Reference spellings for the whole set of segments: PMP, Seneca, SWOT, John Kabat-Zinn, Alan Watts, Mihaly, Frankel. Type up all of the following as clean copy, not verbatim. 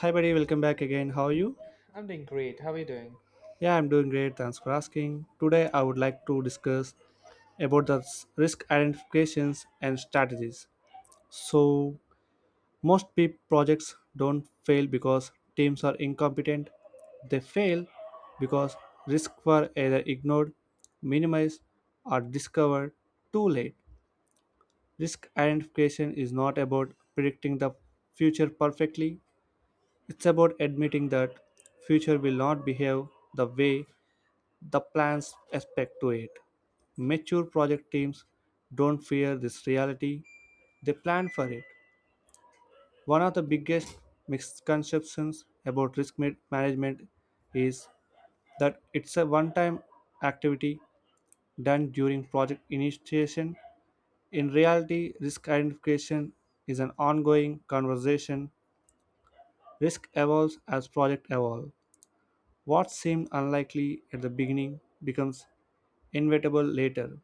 Hi, buddy. Welcome back again. How are you? I'm doing great. How are you doing? Yeah, I'm doing great. Thanks for asking. Today, I would like to discuss about the risk identifications and strategies. So, most PEEP projects don't fail because teams are incompetent. They fail because risks were either ignored, minimized, or discovered too late. Risk identification is not about predicting the future perfectly. It's about admitting that future will not behave the way the plans aspect to it. Mature project teams don't fear this reality, they plan for it. One of the biggest misconceptions about risk management is that it's a one time activity done during project initiation. In reality, risk identification is an ongoing conversation. Risk evolves as project evolves. What seemed unlikely at the beginning becomes inevitable later.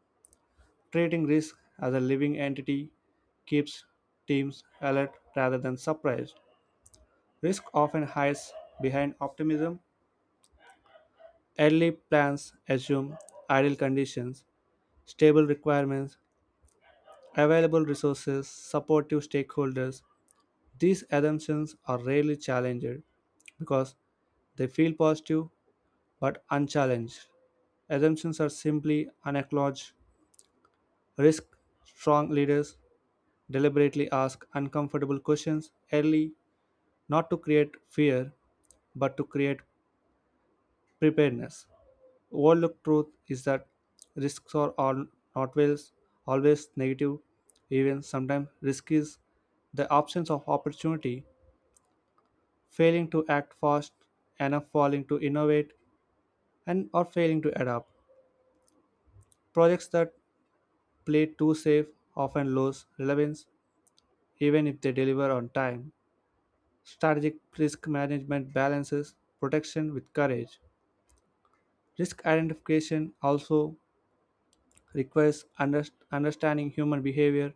Treating risk as a living entity keeps teams alert rather than surprised. Risk often hides behind optimism. Early plans assume ideal conditions, stable requirements, available resources, supportive stakeholders. These assumptions are rarely challenged because they feel positive but unchallenged. Assumptions are simply unacknowledged risk. Strong leaders deliberately ask uncomfortable questions early, not to create fear, but to create preparedness. Overlooked truth is that risks are all not always, always negative, even sometimes risk is the absence of opportunity, failing to act fast enough, failing to innovate, and or failing to adapt. Projects that play too safe often lose relevance even if they deliver on time. Strategic risk management balances protection with courage. Risk identification also requires understanding human behavior.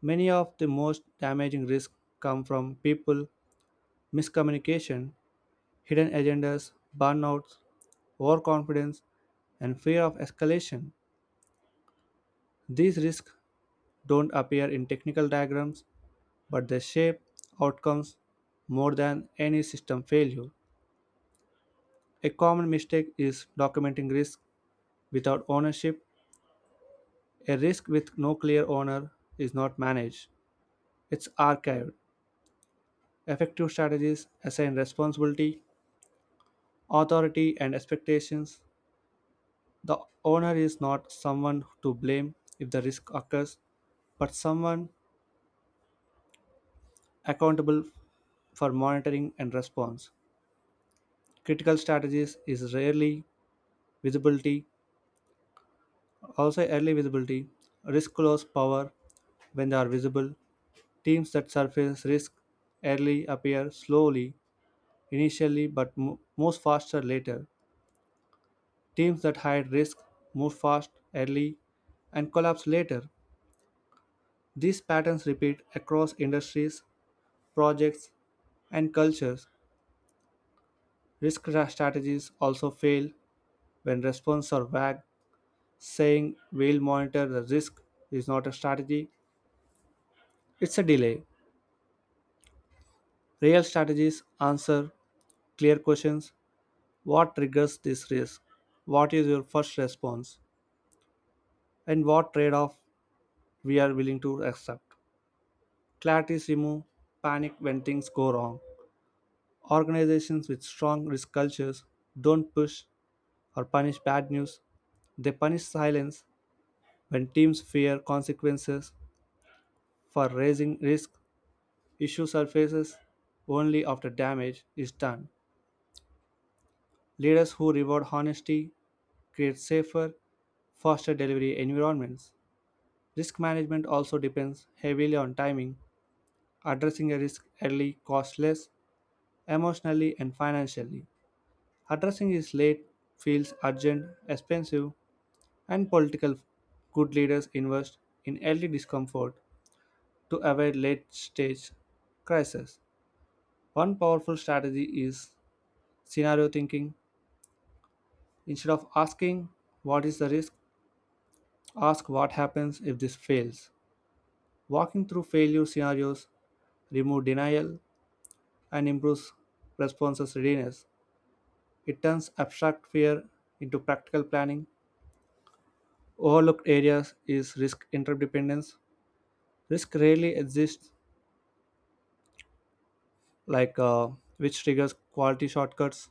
Many of the most damaging risks come from people, miscommunication, hidden agendas, burnouts, overconfidence, and fear of escalation. These risks don't appear in technical diagrams, but they shape outcomes more than any system failure. A common mistake is documenting risk without ownership. A risk with no clear owner is not managed, it's archived. Effective strategies assign responsibility, authority, and expectations. The owner is not someone to blame if the risk occurs, but someone accountable for monitoring and response. Critical strategies is rarely visibility, also early visibility. Risk lose power when they are visible. Teams that surface risk early appear slowly initially, but moves faster later. Teams that hide risk move fast early and collapse later. These patterns repeat across industries, projects, and cultures. Risk strategies also fail when responses are vague. Saying we'll monitor the risk is not a strategy, it's a delay. Real strategies answer clear questions. What triggers this risk? What is your first response? And what trade off we are willing to accept? Clarity removes panic when things go wrong. Organizations with strong risk cultures don't push or punish bad news, they punish silence. When teams fear consequences for raising risk, issue surfaces only after damage is done. Leaders who reward honesty create safer, faster delivery environments. Risk management also depends heavily on timing. Addressing a risk early costs less emotionally and financially. Addressing it late feels urgent, expensive, and political. Good leaders invest in early discomfort to avoid late stage crisis. One powerful strategy is scenario thinking. Instead of asking what is the risk, ask what happens if this fails. Walking through failure scenarios remove denial and improves responses readiness. It turns abstract fear into practical planning. Overlooked areas is risk interdependence. Risk rarely exists like which triggers quality shortcuts,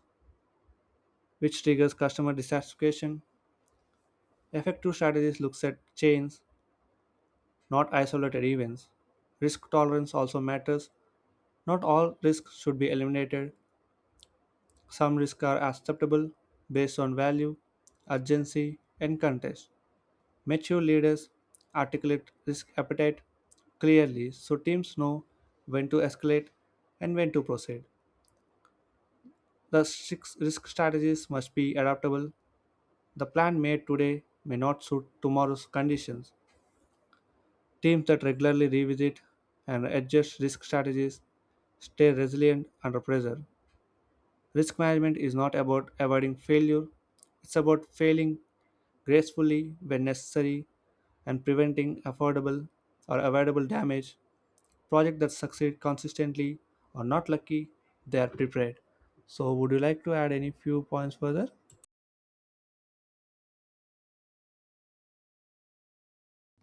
which triggers customer dissatisfaction. Effective strategies looks at chains, not isolated events. Risk tolerance also matters. Not all risks should be eliminated. Some risks are acceptable based on value, urgency, and context. Mature leaders articulate risk appetite clearly so teams know when to escalate and when to proceed. The six risk strategies must be adaptable. The plan made today may not suit tomorrow's conditions. Teams that regularly revisit and adjust risk strategies stay resilient under pressure. Risk management is not about avoiding failure, it's about failing gracefully when necessary and preventing affordable or avoidable damage. Projects that succeed consistently are not lucky, they are prepared. So, would you like to add any few points further?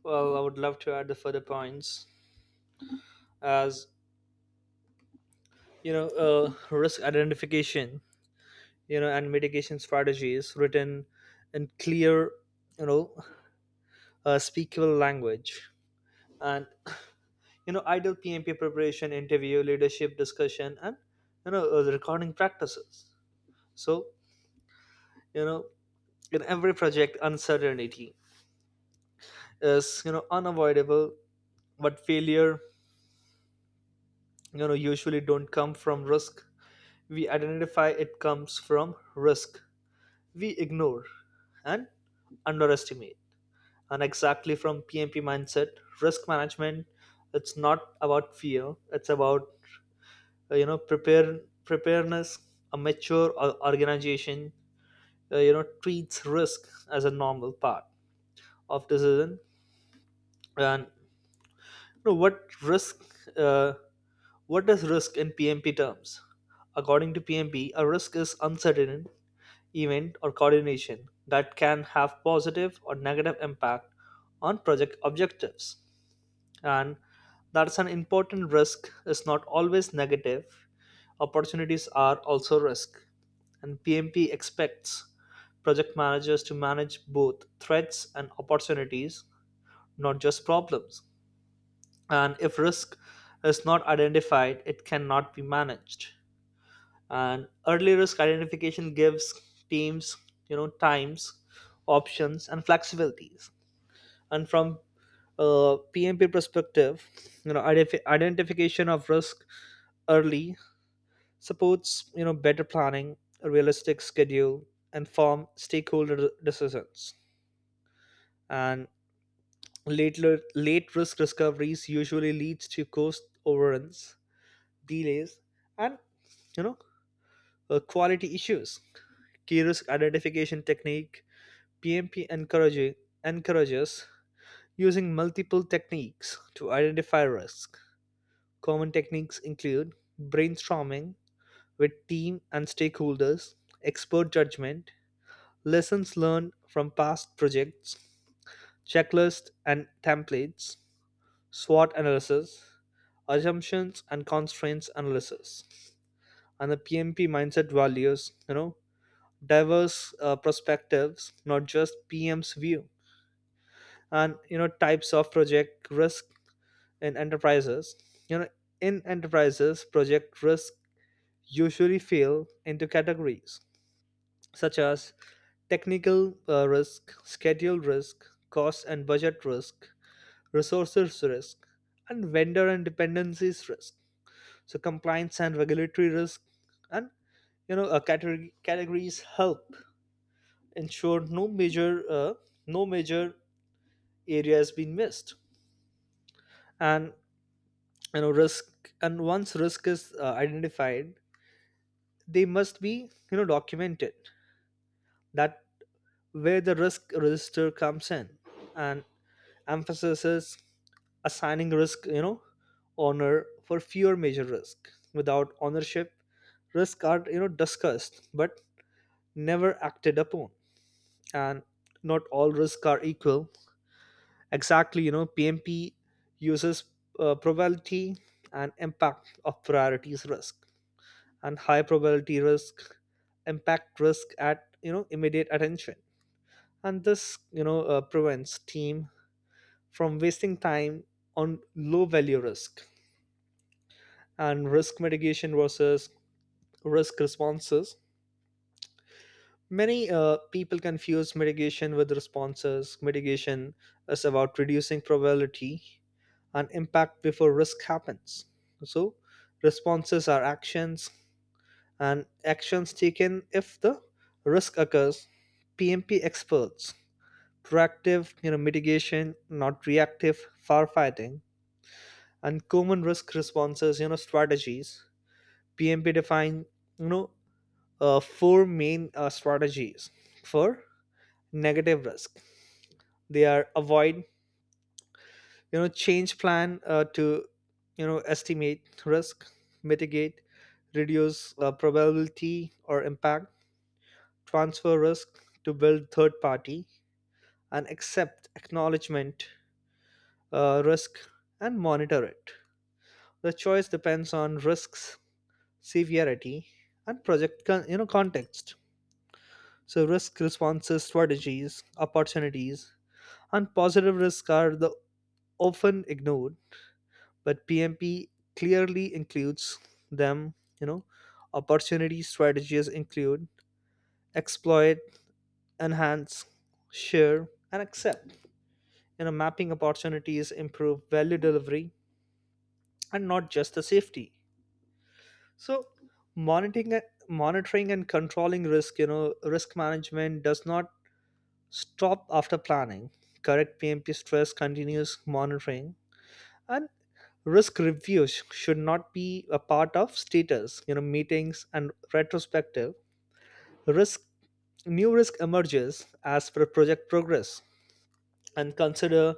Well, I would love to add the further points as risk identification, and mitigation strategies written in clear, you know, speakable language, and ideal PMP preparation, interview, leadership discussion, and the recording practices. So you know, in every project, uncertainty is unavoidable, but failure, usually don't come from risk we identify. It comes from risk we ignore and underestimate, and exactly from PMP mindset, risk management, it's not about fear, it's about uh, you know prepare preparedness. A mature organization, treats risk as a normal part of decision. And you know, what risk uh, what is risk in PMP terms? According to PMP, a risk is uncertain event, or coordination that can have positive or negative impact on project objectives. And that's an important risk is not always negative. Opportunities are also risk. And PMP expects project managers to manage both threats and opportunities, not just problems. And if risk is not identified, it cannot be managed, and early risk identification gives teams times, options and flexibilities. And from a PMP perspective, identification of risk early supports better planning, a realistic schedule, and form stakeholder decisions. And late risk discoveries usually leads to cost overruns, delays, and you know quality issues. Key risk identification technique: PMP encourages using multiple techniques to identify risk. Common techniques include brainstorming with team and stakeholders, expert judgment, lessons learned from past projects, checklists and templates, SWOT analysis, assumptions and constraints analysis. And the PMP mindset values, diverse perspectives, not just PM's view. And types of project risk in enterprises you know in enterprises, project risk usually fall into categories such as technical risk, schedule risk, cost and budget risk, resources risk, and vendor and dependencies risk, so compliance and regulatory risk. And categories help ensure no major area has been missed. And you know risk and once risk is identified, they must be documented. That where the risk register comes in, and emphasizes assigning risk, honor for fewer major risk. Without ownership, risk are discussed but never acted upon. And not all risks are equal. Exactly, PMP uses probability and impact of priorities risk, and high probability risk impact risk at immediate attention. And this prevents team from wasting time on low value risk. And risk mitigation versus risk responses: many people confuse mitigation with responses. Mitigation is about reducing probability and impact before risk happens, so responses are actions, and actions taken if the risk occurs. PMP experts proactive mitigation, not reactive firefighting. And common risk responses, strategies: PMP define you know four main strategies for negative risk. They are avoid, change plan to estimate risk; mitigate, reduce probability or impact; transfer risk to build third party; and accept, acknowledgement risk, and monitor it. The choice depends on risks severity, and project context. So risk responses, strategies, opportunities, and positive risk are the often ignored, but PMP clearly includes them. You know, opportunity strategies include exploit, enhance, share, and accept. Mapping opportunities improve value delivery and not just the safety. So monitoring monitoring and controlling risk, risk management does not stop after planning. Correct PMP stress, continuous monitoring, and risk reviews should not be a part of status, meetings and retrospective. Risk new risk emerges as per project progress. And consider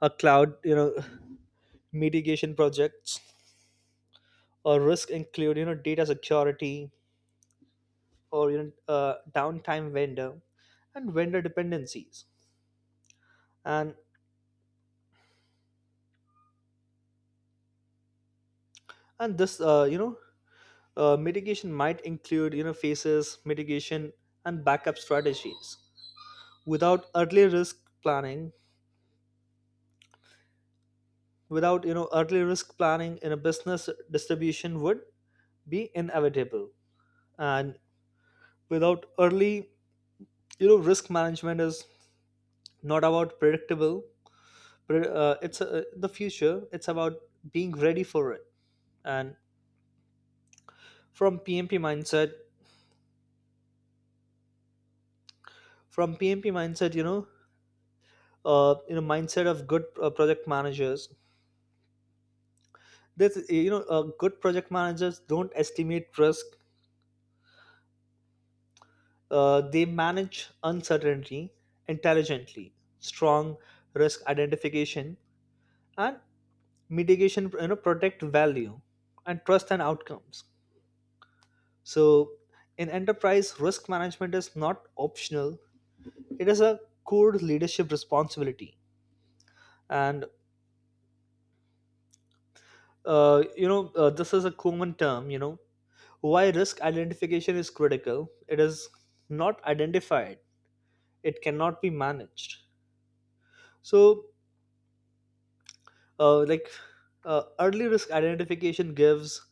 a cloud, mitigation projects or risk include, data security or downtime vendor and vendor dependencies. and and this you know mitigation might include phases, mitigation, and backup strategies. Without early risk planning, without you know early risk planning in a business distribution would be inevitable. And without early, risk management is not about predictable. It's the future. It's about being ready for it. And from PMP mindset, from PMP mindset, mindset of good project managers. This you know Good project managers don't estimate risk, they manage uncertainty intelligently. Strong risk identification and mitigation, protect value and trust and outcomes. So in enterprise, risk management is not optional. It is a core leadership responsibility. And this is a common term. Why risk identification is critical: it is not identified, it cannot be managed. So, uh, like early risk identification gives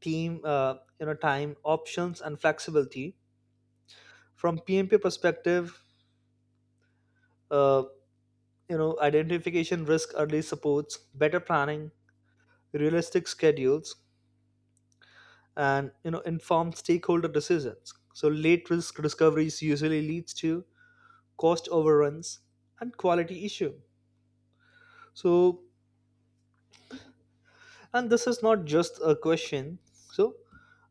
team, time, options, and flexibility. From PMP perspective, uh, identification risk early supports better planning, realistic schedules, and informed stakeholder decisions. So, late risk discoveries usually leads to cost overruns and quality issue. So, and this is not just a question. So,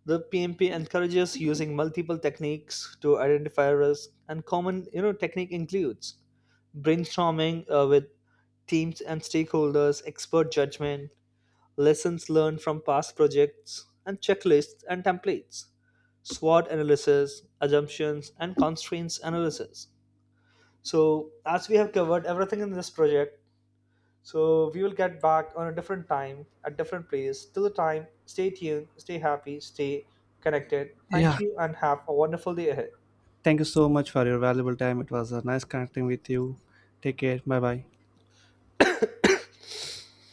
the PMP encourages using multiple techniques to identify risk, and common technique includes brainstorming with teams and stakeholders, expert judgment, lessons learned from past projects, and checklists and templates, SWOT analysis, assumptions, and constraints analysis. So, as we have covered everything in this project, so we will get back on a different time, at different place. Till the time, stay tuned, stay happy, stay connected. Thank Yeah, you and have a wonderful day ahead. thank you so much for your valuable time. It was nice connecting with you. Take care. Bye bye.